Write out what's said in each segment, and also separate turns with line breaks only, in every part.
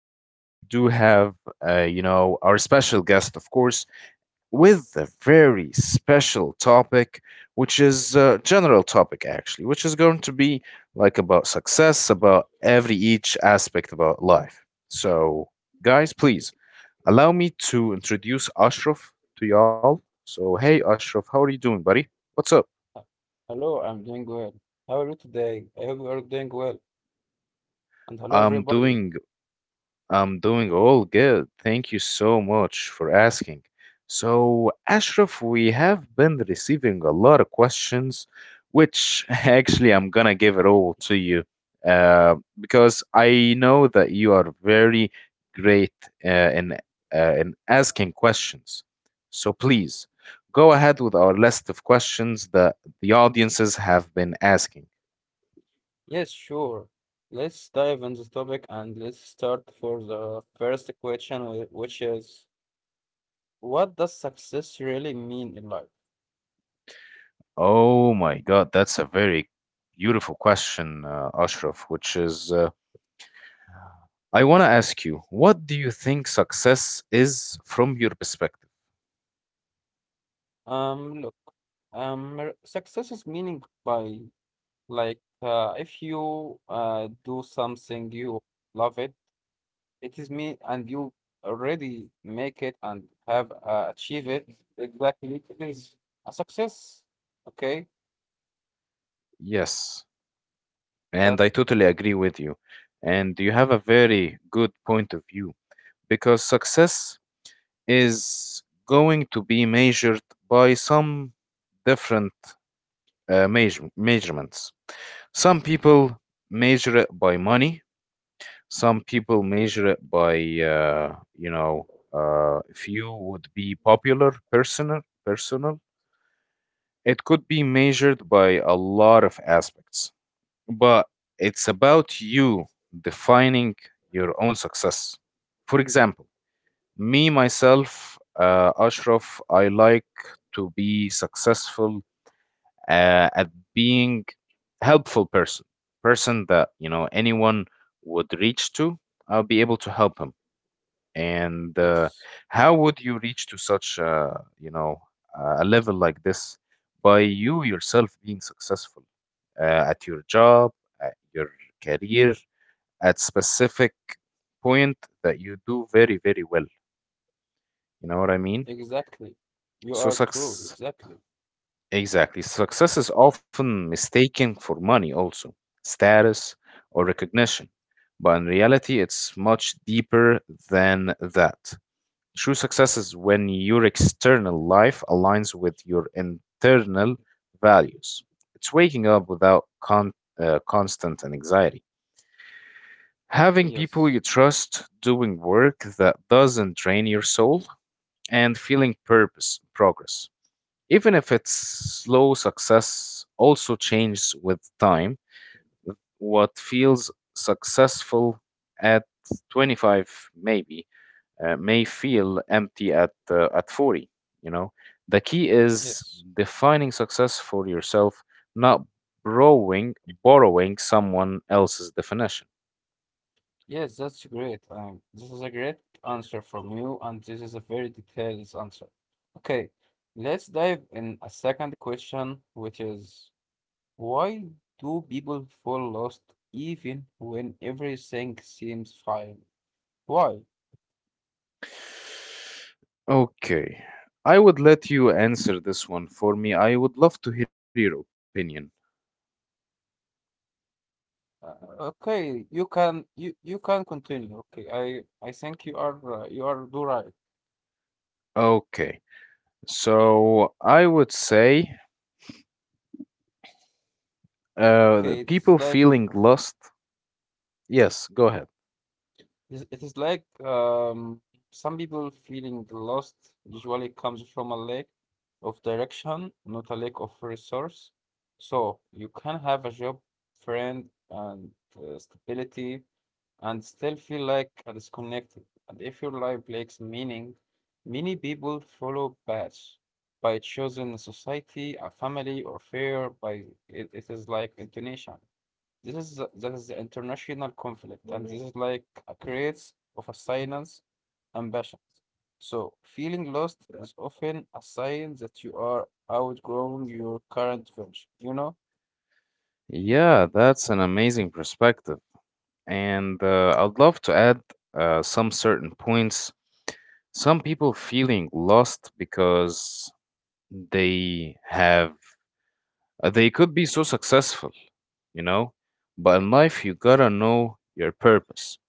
And we do have, our special guest, of course, with a very special topic, which is a general topic, actually, which is going to be like about success, about every each aspect about life. So, guys, please allow me to introduce Ashraf to y'all. So, hey, Ashraf, how are you doing, buddy? What's up?
Uh, Hello, I'm doing well. How are you today? I hope you are doing well. And hello,
I'm
everybody.
doing I'm doing all good. Thank you so much for asking. So, Ashraf, we have been receiving a lot of questions, which actually I'm gonna give it all to you, because I know that you are very great uh, in in asking questions. So please go ahead with our list of questions that the audiences have been asking.
Yes, sure. Let's dive into this topic and let's start for the first question, which is what does success really mean in life?
Oh my God, that's a very beautiful question, Ashraf, which is I want to ask you, what do you think success is from your perspective?
Look, success is meaning by like if you do something you love it. It is me and you already make it and have achieved it. Exactly. It is a success. Okay.
Yes, and
But
I totally agree with you. And you have a very good point of view. Because success is going to be measured by some different measurements. Some people measure it by money. Some people measure it by, uh, you know, if you would be popular, personal, personal. It could be measured by a lot of aspects, but it's about you defining your own success. For example, me, myself, Ashraf, I like to be successful at being helpful person, person that you know anyone would reach to. I'll be able to help him. And
yes,
how would you reach to such you know a level like this by you yourself being successful at your job, at your career, at specific point that you do very very well. You know what I mean?
exactly. You are
So
true.
success,
Exactly.
exactly. Success is often mistaken for money also, status or recognition. But in reality, it's much deeper than that. True success is when your external life aligns with your internal values. It's waking up without constant anxiety. Having people
Yes.
you trust doing work that doesn't drain your soul and feeling purpose, progress. Even if its slow success also changes with time, what feels successful at 25 maybe may feel empty at 40, you know. The key is
Yes.
defining success for yourself, not borrowing borrowing someone else's definition.
Yes. That's great. This is a great answer from you, and this is a very detailed answer. Okay, let's dive in a second question, which is why do people fall lost even when everything seems fine? Why?
Okay, I would let you answer this one for me. I would love to hear your opinion.
Uh, okay, you can continue. Okay, I think you are do right.
Okay, so I would say the
Okay,
people feeling lost. Yes, go ahead.
It is like some people feeling lost usually comes from a lack of direction, not a lack of resource. So you can have a job, friend, and stability, and still feel like a disconnected. And if your life lacks meaning, many people follow paths by choosing society, a family, or fear. By it is like intonation. That is the international conflict, and this is like a creates of a silence ambition. So feeling lost is often a sign that you are outgrowing your current version. You know?
Yeah, that's an amazing perspective. And I'd love to add some certain points. Some people feeling lost because they have, they could be so successful, you know, but in life you gotta know your purpose.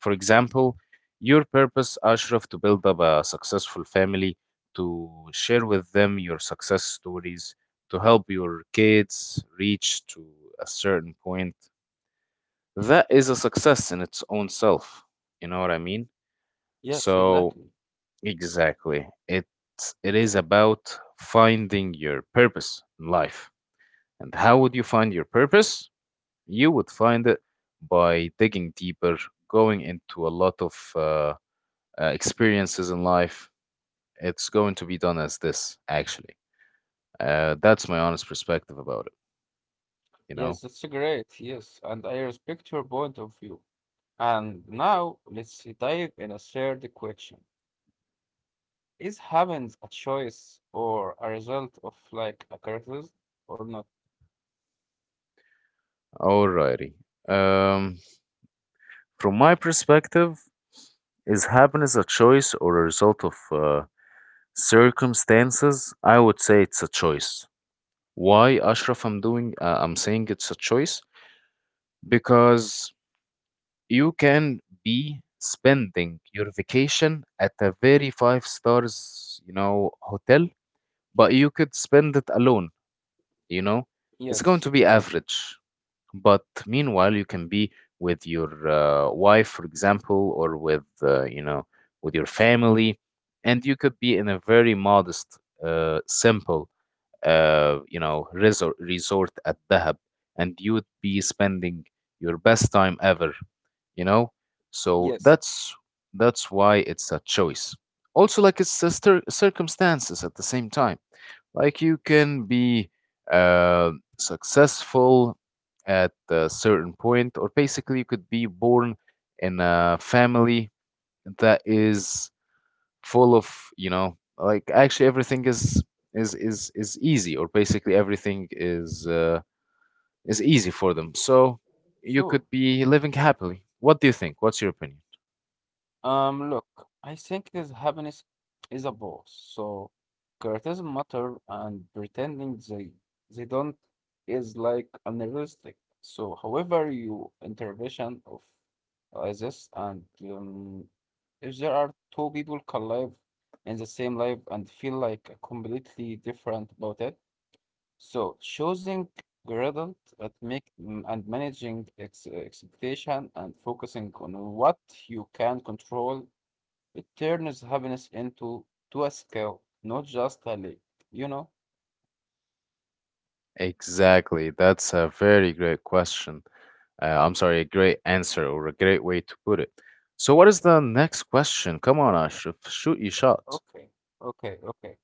For example, your purpose, Ashraf, to build up a successful family, to share with them your success stories, to help your kids reach to a certain point. That is a success in its own self. You know what I mean?
Yes,
So,
exactly.
exactly. It is about finding your purpose in life. And how would you find your purpose? You would find it by digging deeper, going into a lot of experiences in life, it's going to be done as this, actually. That's my honest perspective about it, you
Yes,
know?
that's great. Yes, and I respect your point of view. And now let's dive in a third question. Is having a choice or a result of like a criticism or not?
Alrighty. Um, from my perspective, is happiness a choice or a result of circumstances? I would say it's a choice. Why, Ashraf? I'm doing. I'm saying it's a choice because you can be spending your vacation at a very five stars, you know, hotel, but you could spend it alone, you know. It's going
Yes,
to be
exactly.
average. But meanwhile, you can be with your wife, for example, or with, with your family, and you could be in a very modest, simple resort at Dahab, and you'd be spending your best time ever, you know? So
Yes,
that's why it's a choice. Also, like it's a circumstances at the same time. Like you can be uh, successful at a certain point, or basically you could be born in a family that is full of, you know, like actually everything is is easy, or basically everything is easy for them, so you
sure.
could be living happily. What do you think? What's your opinion?
Look, I think this happiness is a boss. So criticism matter and pretending they don't is like unrealistic. So however you intervention of this and if there are two people collide in the same life and feel like completely different about it, so choosing gradient at make and managing ex expectation and focusing on what you can control. It turns happiness into to a skill, not just a lake, you know?
Exactly, that's a very great question, I'm sorry, a great answer or a great way to put it. So what is the next question? Come on, Ashraf, shoot your shot.
Okay, okay, okay.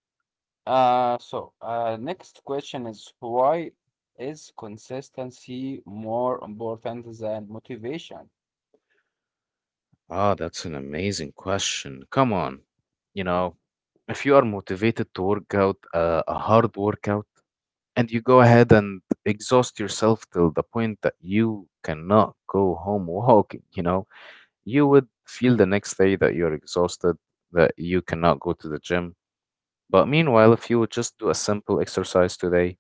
So next question is, why is consistency more important than motivation?
Ah, that's an amazing question. Come on. You know, if you are motivated to work out a hard workout, and you go ahead and exhaust yourself till the point that you cannot go home walking, you know, you would feel the next day that you're exhausted, that you cannot go to the gym. But meanwhile, if you would just do a simple exercise today,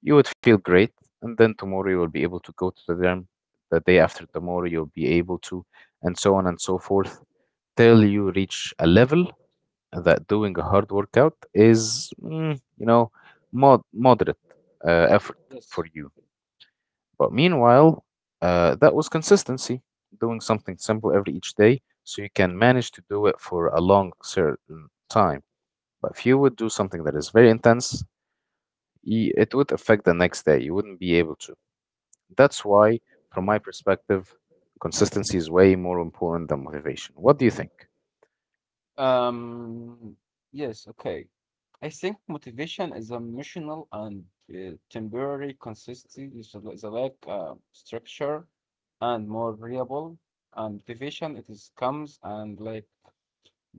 you would feel great, and then tomorrow you will be able to go to the gym, the day after tomorrow you'll be able to, and so on and so forth, till you reach a level that doing a hard workout is you know, moderate effort
Yes.
for you. But meanwhile, that was consistency, doing something simple every each day so you can manage to do it for a long certain time. But if you would do something that is very intense, it would affect the next day. You wouldn't be able to. That's why, from my perspective, consistency is way more important than motivation. What do you think?
Um, yes, okay. I think motivation is emotional and temporary consistency is a lack structure and more variable. And motivation it is comes and like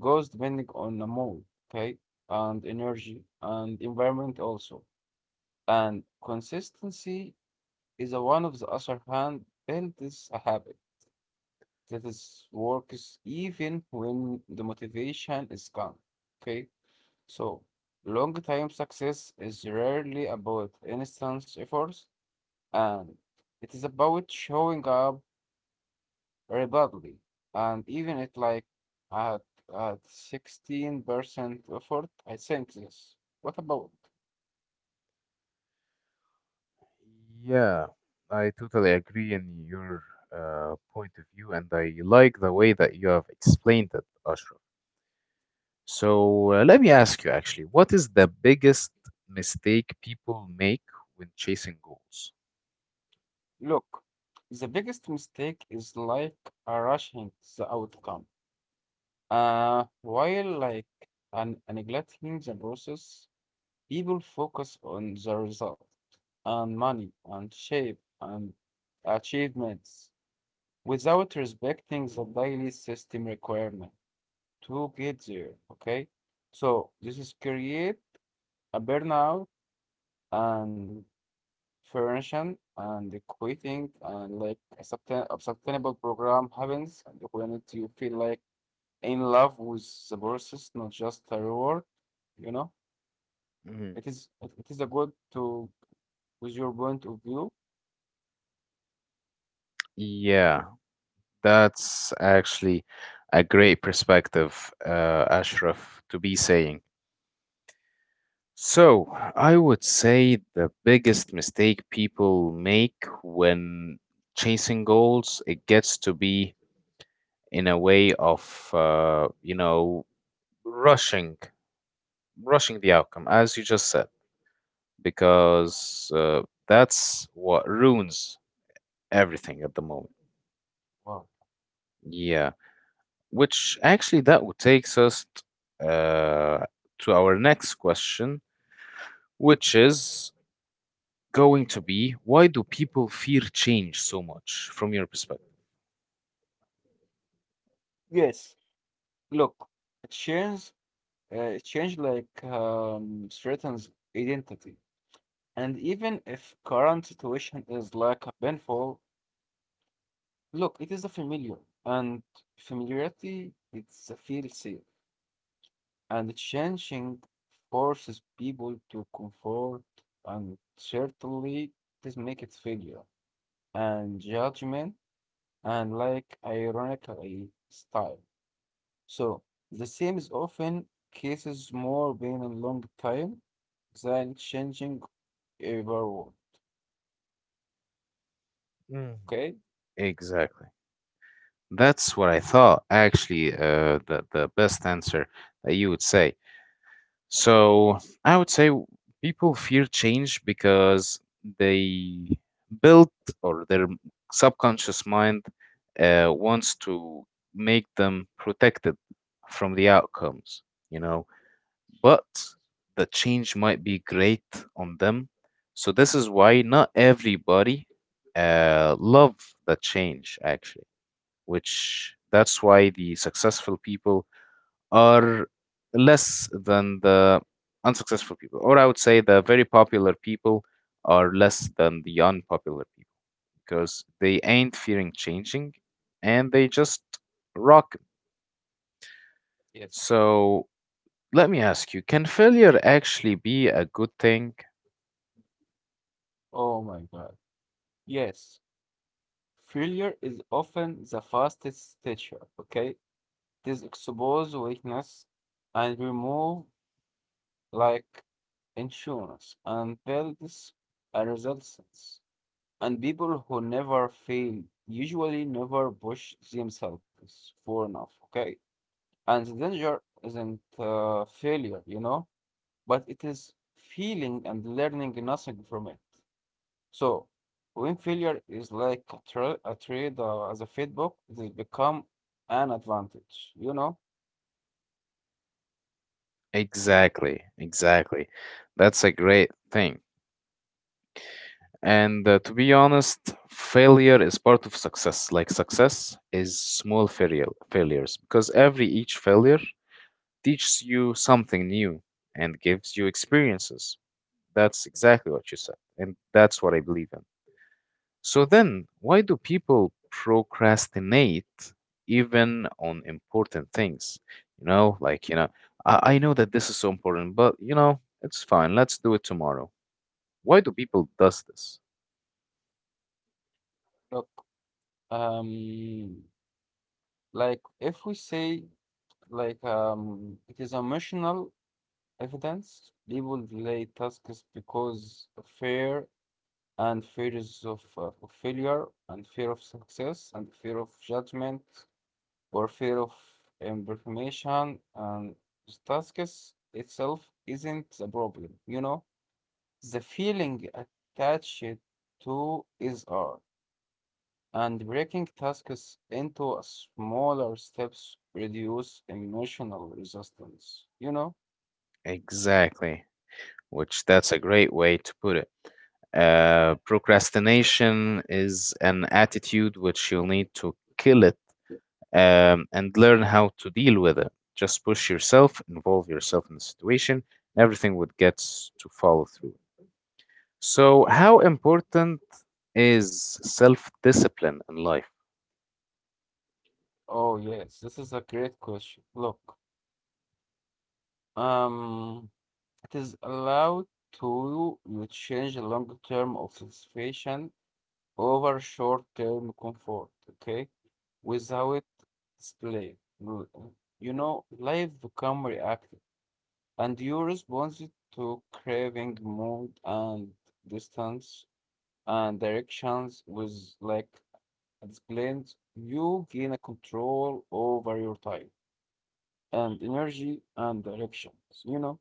goes depending on the mood, okay, and energy and environment also. And consistency is a one of the other hand builds a habit that is works even when the motivation is gone. Okay, so long time success is rarely about instant efforts, and it is about showing up Republic, and even it like at at 16% effort, I think this. What about?
Yeah, I totally agree in your point of view, and I like the way that you have explained it, Ashraf. So let me ask you actually, what is the biggest mistake people make when chasing goals?
Look, the biggest mistake is like a rushing the outcome. While like an neglecting the process, people focus on the result and money and shape and achievements without respecting the daily system requirements to get there. Okay, so this is create a burnout and prevention and the quitting and like a sustainable program happens when you feel like in love with the process, not just a reward. You know,
Mhm.
it is a good to with your point of view.
Yeah, that's actually a great perspective, Ashraf, to be saying. So, I would say the biggest mistake people make when chasing goals, it gets to be in a way of, rushing, rushing the outcome, as you just said. Because that's what ruins everything at the moment.
Wow.
Yeah, which actually that would takes us uh, to our next question, which is going to be why do people fear change so much from your perspective?
Yes. Look, it changes. It change like threatens identity. And even if current situation is like a painful, look, it is a familiar, and familiarity it's a feel safe, and changing forces people to comfort, and certainly this make it failure and judgment and like ironically style. So the same is often cases more being a long time than changing ever.
Mhm.
Okay?
Exactly. That's what I thought, actually, the best answer that you would say. So I would say people fear change because they built or their subconscious mind wants to make them protected from the outcomes, you know. But the change might be great on them. So this is why not everybody love the change, actually, which that's why the successful people are less than the unsuccessful people. Or I would say the very popular people are less than the unpopular people because they ain't fearing changing and they just rock. It.
Yes.
So let me ask you, can failure actually be a good thing?
Oh my God. Yes, failure is often the fastest teacher, okay? It is expose weakness and remove like insurance and builds a resilience. And people who never fail usually never push themselves far enough, okay? And the danger isn't failure, but it is feeling and learning nothing from it. So, when failure is like a trade as a feedback, it has become an advantage. You know,
Exactly, exactly. That's a great thing. And to be honest, failure is part of success. Like success is small failure, failures, because every each failure teaches you something new and gives you experiences. That's exactly what you said, and that's what I believe in. So then, why do people procrastinate even on important things? You know, like, you know, I know that this is so important, but you know, it's fine. Let's do it tomorrow. Why do people does this?
look, um, like if we say like it is emotional evidence. People delay tasks because of fear and fears of failure and fear of success and fear of judgment or fear of information, and tasks itself isn't a problem, you know. The feeling attached to is R, and breaking tasks into a smaller steps reduce emotional resistance. You know?
Exactly, which that's a great way to put it. Procrastination is an attitude which you'll need to kill it, and learn how to deal with it. Just push yourself, involve yourself in the situation, and everything would get to follow through. So, how important is self discipline in life?
Oh yes, this is a great question. Look, um, it is allowed to you change the long-term of satisfaction over short-term comfort. Okay, without display, Mm, life become reactive. And you responded to craving mood and distance and directions with like explained you gain a control over your time and energy and directions, you know?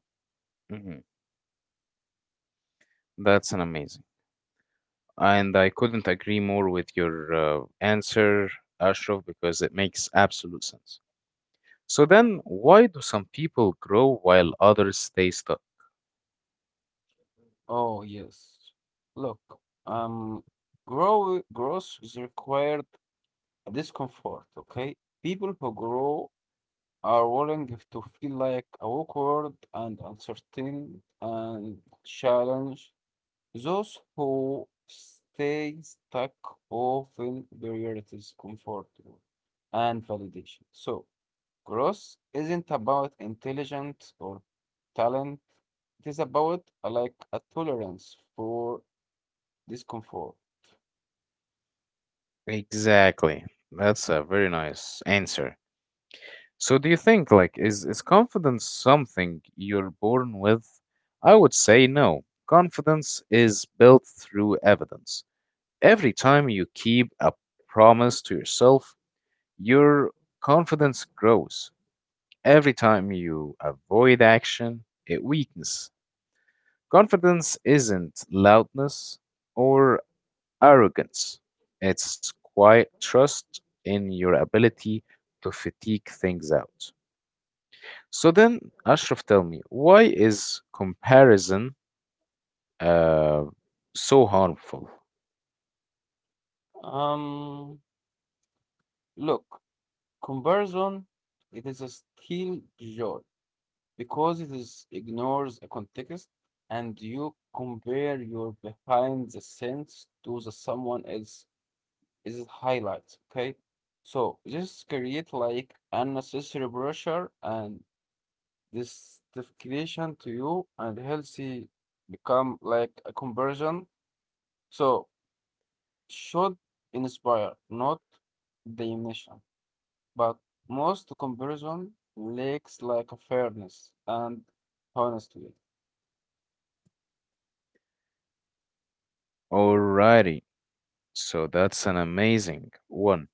Mhm. That's an amazing. And I couldn't agree more with your answer, Ashraf, because it makes absolute sense. So then, why do some people grow while others stay stuck?
Oh yes. Look, um growth is required discomfort, okay? People who grow are willing to feel like awkward and uncertain and challenge. Those who stay stuck often prioritize comfort and validation. So, growth isn't about intelligence or talent. It is about like a tolerance for discomfort.
Exactly. That's a very nice answer. So do you think, like, is confidence something you're born with? I would say no. Confidence is built through evidence. Every time you keep a promise to yourself, your confidence grows. Every time you avoid action, it weakens. Confidence isn't loudness or arrogance. It's quiet trust in your ability to fatigue things out. So then, Ashraf, tell me, why is comparison uh, so harmful?
Um, look, comparison, it is a still joy because it is ignores a context, and you compare your behind the scenes to the someone else is highlights, okay? So just create like unnecessary pressure and justification to you, and healthy become like a conversion. So should inspire, not diminution. But most comparison lacks like a fairness and honestly.
Alrighty, so that's an amazing one,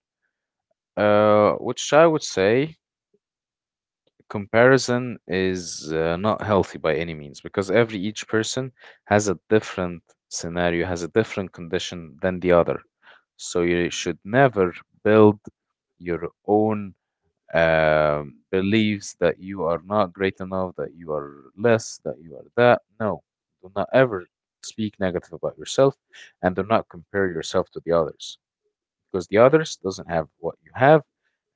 which I would say comparison is not healthy by any means because every each person has a different scenario, has a different condition than the other. So you should never build your own beliefs that you are not great enough, that you are less, that you are that. No, do not ever speak negative about yourself, and do not compare yourself to the others because the others doesn't have what you have,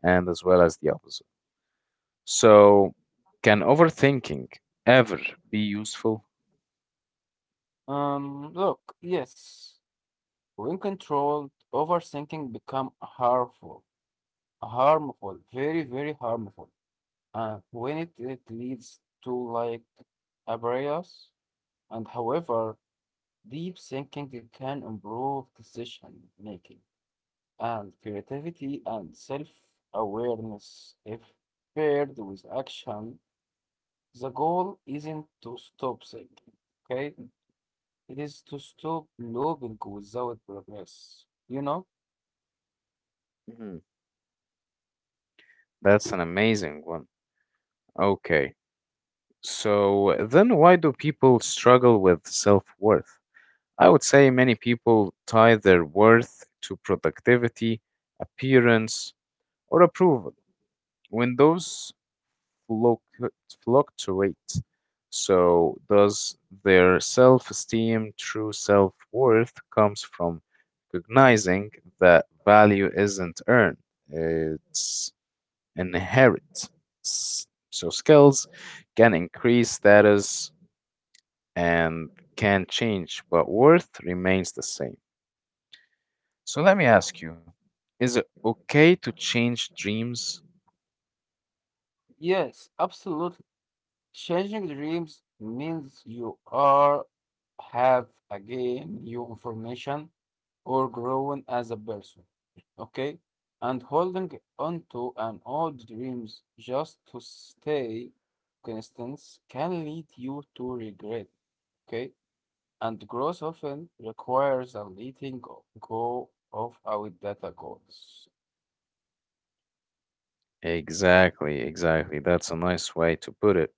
and as well as the opposite. So, can overthinking ever be useful?
Look, yes, when controlled, overthinking become harmful, harmful, very, very harmful. When it leads to like abrasions, and however deep thinking it can improve decision making and creativity and self-awareness if paired with action. The goal isn't to stop thinking, okay, it is to stop looping without progress, you know?
Mm, that's an amazing one. Okay, so then why do people struggle with self worth? I would say many people tie their worth to productivity, appearance, or approval when those fluc- fluctuate. So, does their self esteem, true self worth, comes from recognizing that value isn't earned, it's inherent. So, skills can increase status and can change, but worth remains the same. So let me ask you, is it okay to change dreams?
Yes, absolutely. Changing dreams means you are have again new information or growing as a person. Okay? And holding onto an old dreams just to stay constant can lead you to regret. Okay? And growth often requires a letting go of our data goals.
Exactly, exactly. That's a nice way to put it.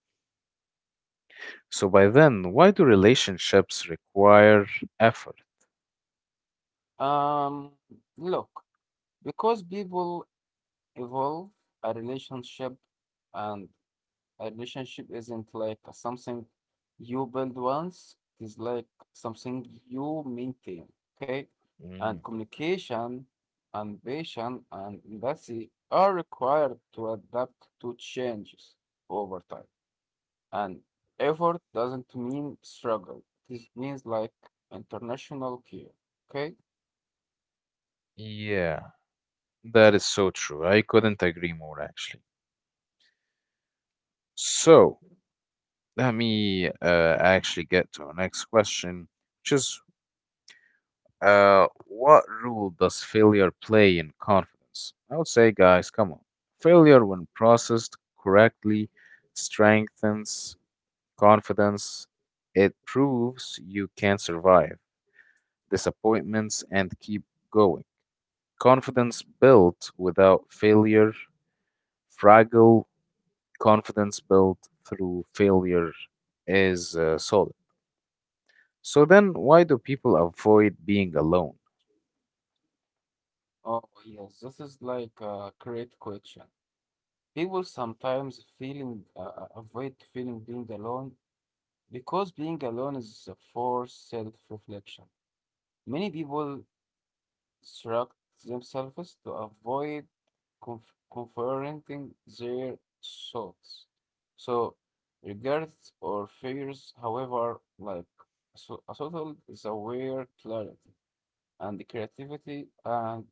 So by then, why do relationships require effort?
Um, look, because people evolve, a relationship and A relationship isn't like something you build once, it is like something you maintain, okay? And
Mm,
communication and patience and empathy are required to adapt to changes over time. And effort doesn't mean struggle. This means like international care, okay?
yeah, that is so true. I couldn't agree more, actually. So let me actually get to our next question, which is what role does failure play in confidence? I would say, guys, come on. Failure, when processed correctly, strengthens confidence. It proves you can survive disappointments and keep going. Confidence built without failure, fragile. Confidence built through failure is solid. So then, why do people avoid being alone?
Oh, yes, this is like a great question. People sometimes feeling avoid feeling being alone, because being alone is a forced self-reflection. Many people distract themselves to avoid confronting their thoughts. So, regrets or fears, however, like so, a subtle is aware clarity and the creativity and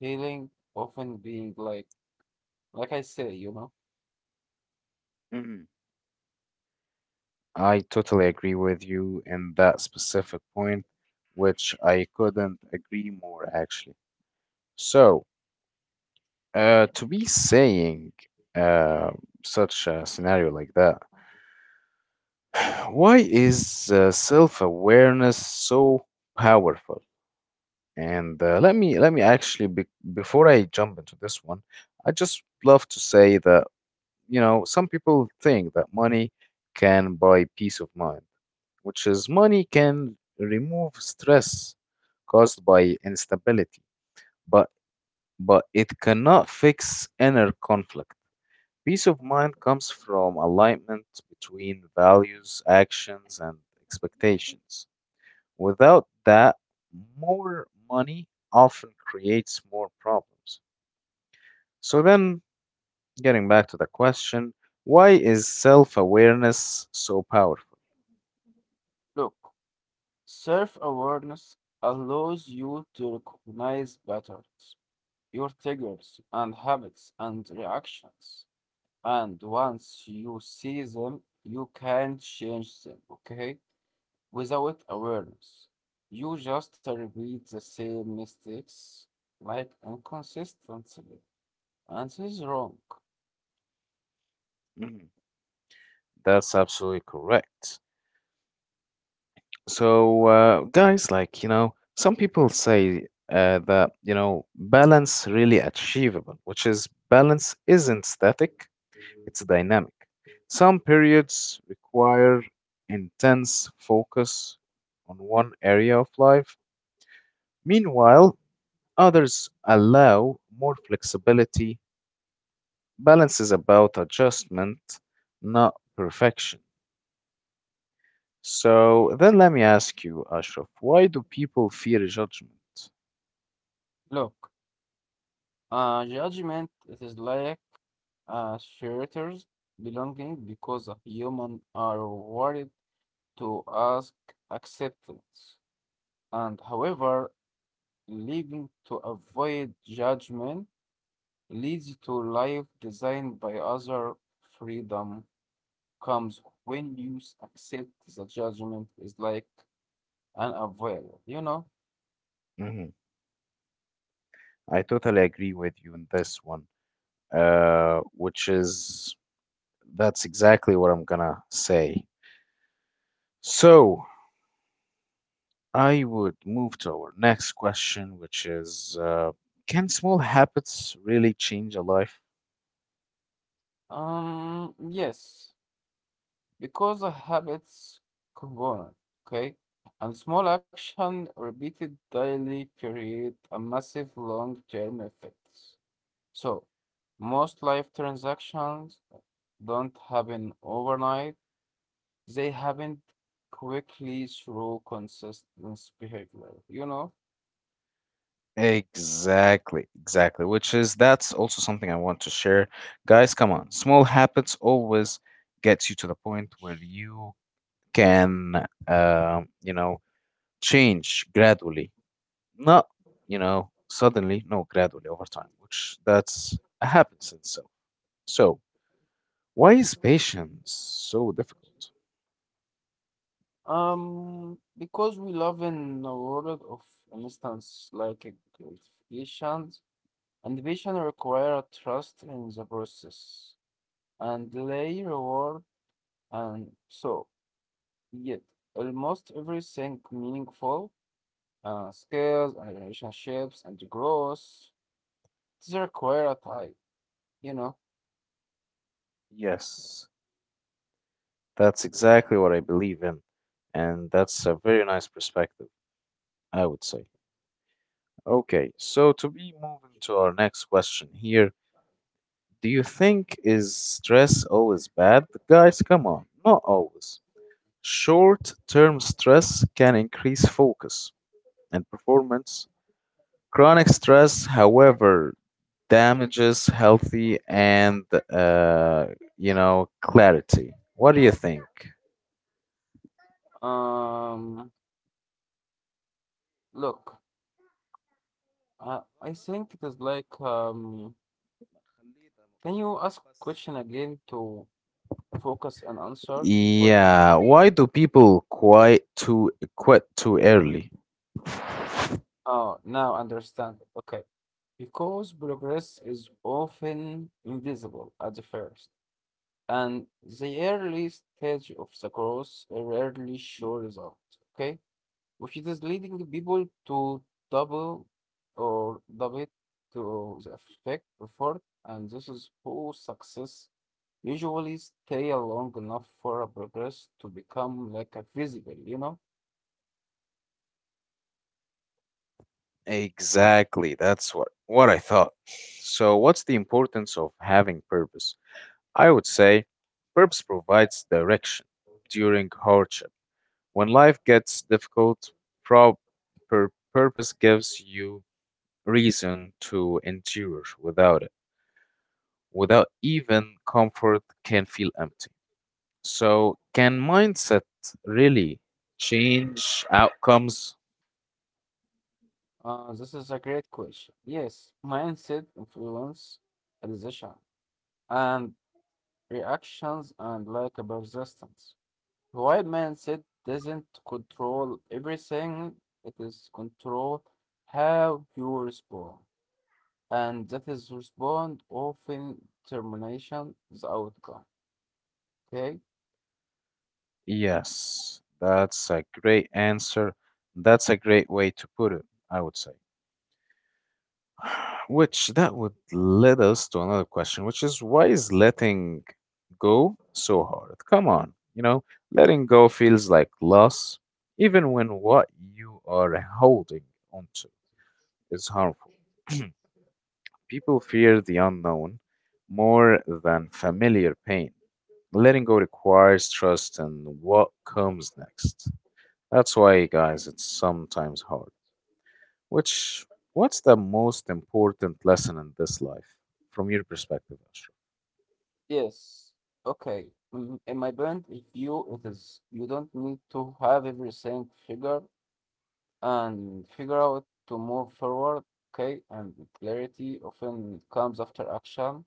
healing often being like I say, you know,
I totally agree with you in that specific point, which I couldn't agree more actually. So, to be saying uh, such a scenario like that, why is self-awareness so powerful? And let me actually be, before I jump into this one, I just love to say that you know some people think that money can buy peace of mind which is money can remove stress caused by instability, but but it cannot fix inner conflict. Peace of mind comes from alignment between values, actions, and expectations. Without that, more money often creates more problems. So then, getting back to the question, why is self awareness so powerful?
look, self-awareness allows you to recognize patterns, your triggers and habits and reactions. And once you see them, you can change them, okay? Without awareness, you just repeat the same mistakes like inconsistently. And this is wrong.
Mhm. That's absolutely correct. So, guys, like, you know, some people say that, you know, balance really achievable, which is balance isn't static, it's dynamic. Some periods require intense focus on one area of life. Meanwhile, others allow more flexibility. Balance is about adjustment, not perfection. So then let me ask you, Ashraf, why do people fear judgment?
Look, judgment it is like shelters belonging because a human are worried to ask acceptance. And however, living to avoid judgment leads to life designed by other. Freedom comes when you accept the judgment is like unavoidable, you know?
Mhm. I totally agree with you on this one, which is that's exactly what I'm gonna say. So I would move to our next question, which is can small habits really change a life?
Yes, because the habits component, okay? And small action repeated daily create a massive long-term effects. So, most life transactions don't happen overnight, they haven't quickly through consistent behavior, you know?
Exactly, exactly. Which is that's also something I want to share. Guys, come on. Small habits always gets you to the point where you can, you know, change gradually. Not, you know, suddenly, no, gradually over time, which that's happens in itself. So, why is patience so difficult?
Because we live in a world of instance like a gratification, and vision require a trust in the process and lay reward, and so yet almost everything meaningful, skills and relationships and growth, they require a time, you know?
Yes, that's exactly what I believe in. And that's a very nice perspective, I would say. Okay, so to be moving to our next question here, do you think is stress always bad? Guys, come on, not always. Short-term stress can increase focus and performance. Chronic stress, however, damages healthy and uh, you know clarity. What do you think?
Um, look. I think it is like, can you ask question again to focus and answer?
Yeah, why do people quit too early?
Oh, now understand. Okay. Because progress is often invisible at the first, and the early stage of the growth rarely show results. Okay, which it is leading people to double double to the effect effort, and this is poor success usually stay long enough for a progress to become like a visible, you know?
Exactly. That's what I thought. So, what's the importance of having purpose? I would say purpose provides direction during hardship. When life gets difficult, pro- purpose gives you reason to endure. Without it, without even comfort can feel empty. So, can mindset really change outcomes?
This is a great question. Yes, mindset influence decision and reactions and like a persistence. While mindset doesn't control everything, it is control how you respond. And that is respond often determination the outcome. Okay.
Yes, that's a great answer. That's a great way to put it, I would say. Which that would lead us to another question, which is why is letting go so hard? Come on, you know, letting go feels like loss, even when what you are holding onto is harmful. People fear the unknown more than familiar pain. Letting go requires trust in what comes next. That's why, guys, it's sometimes hard. Which, what's the most important lesson in this life from your perspective, Ashraf?
Yes. Okay. In my point of view, it is you don't need to have everything figure out to move forward. Okay, and clarity often comes after action,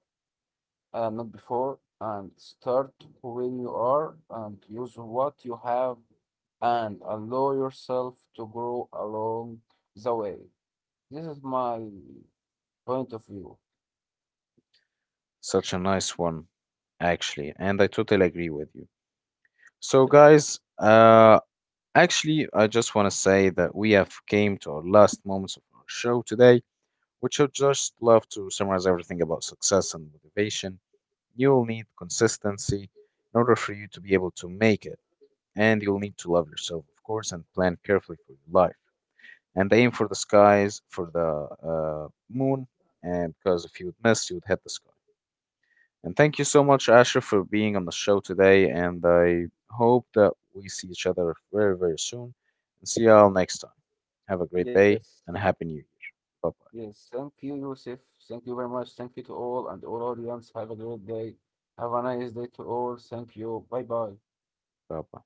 not before. And start when you are, and use what you have, and allow yourself to grow along the way. This is my point of view.
Such a nice one, actually, and I totally agree with you. So,
Thank-
guys, actually, I just want to say that we have came to our last moments of our show today, which I just love to summarize everything about success and motivation. You'll need consistency in order for you to be able to make it, and you'll need to love yourself, of course, and plan carefully for your life, and aim for the skies, for the moon, and because if you would miss, you would hit the sky. And thank you so much, Ashraf, for being on the show today, and I hope that we see each other very, very soon. And see y'all next time. Have a great
Yes.
day and a happy new year. Bye bye.
Yes, thank you, Yusuf. Thank you very much. Thank you to all and all audience. Have a great day. Have a nice day to all. Thank you. Bye bye.
Bye bye.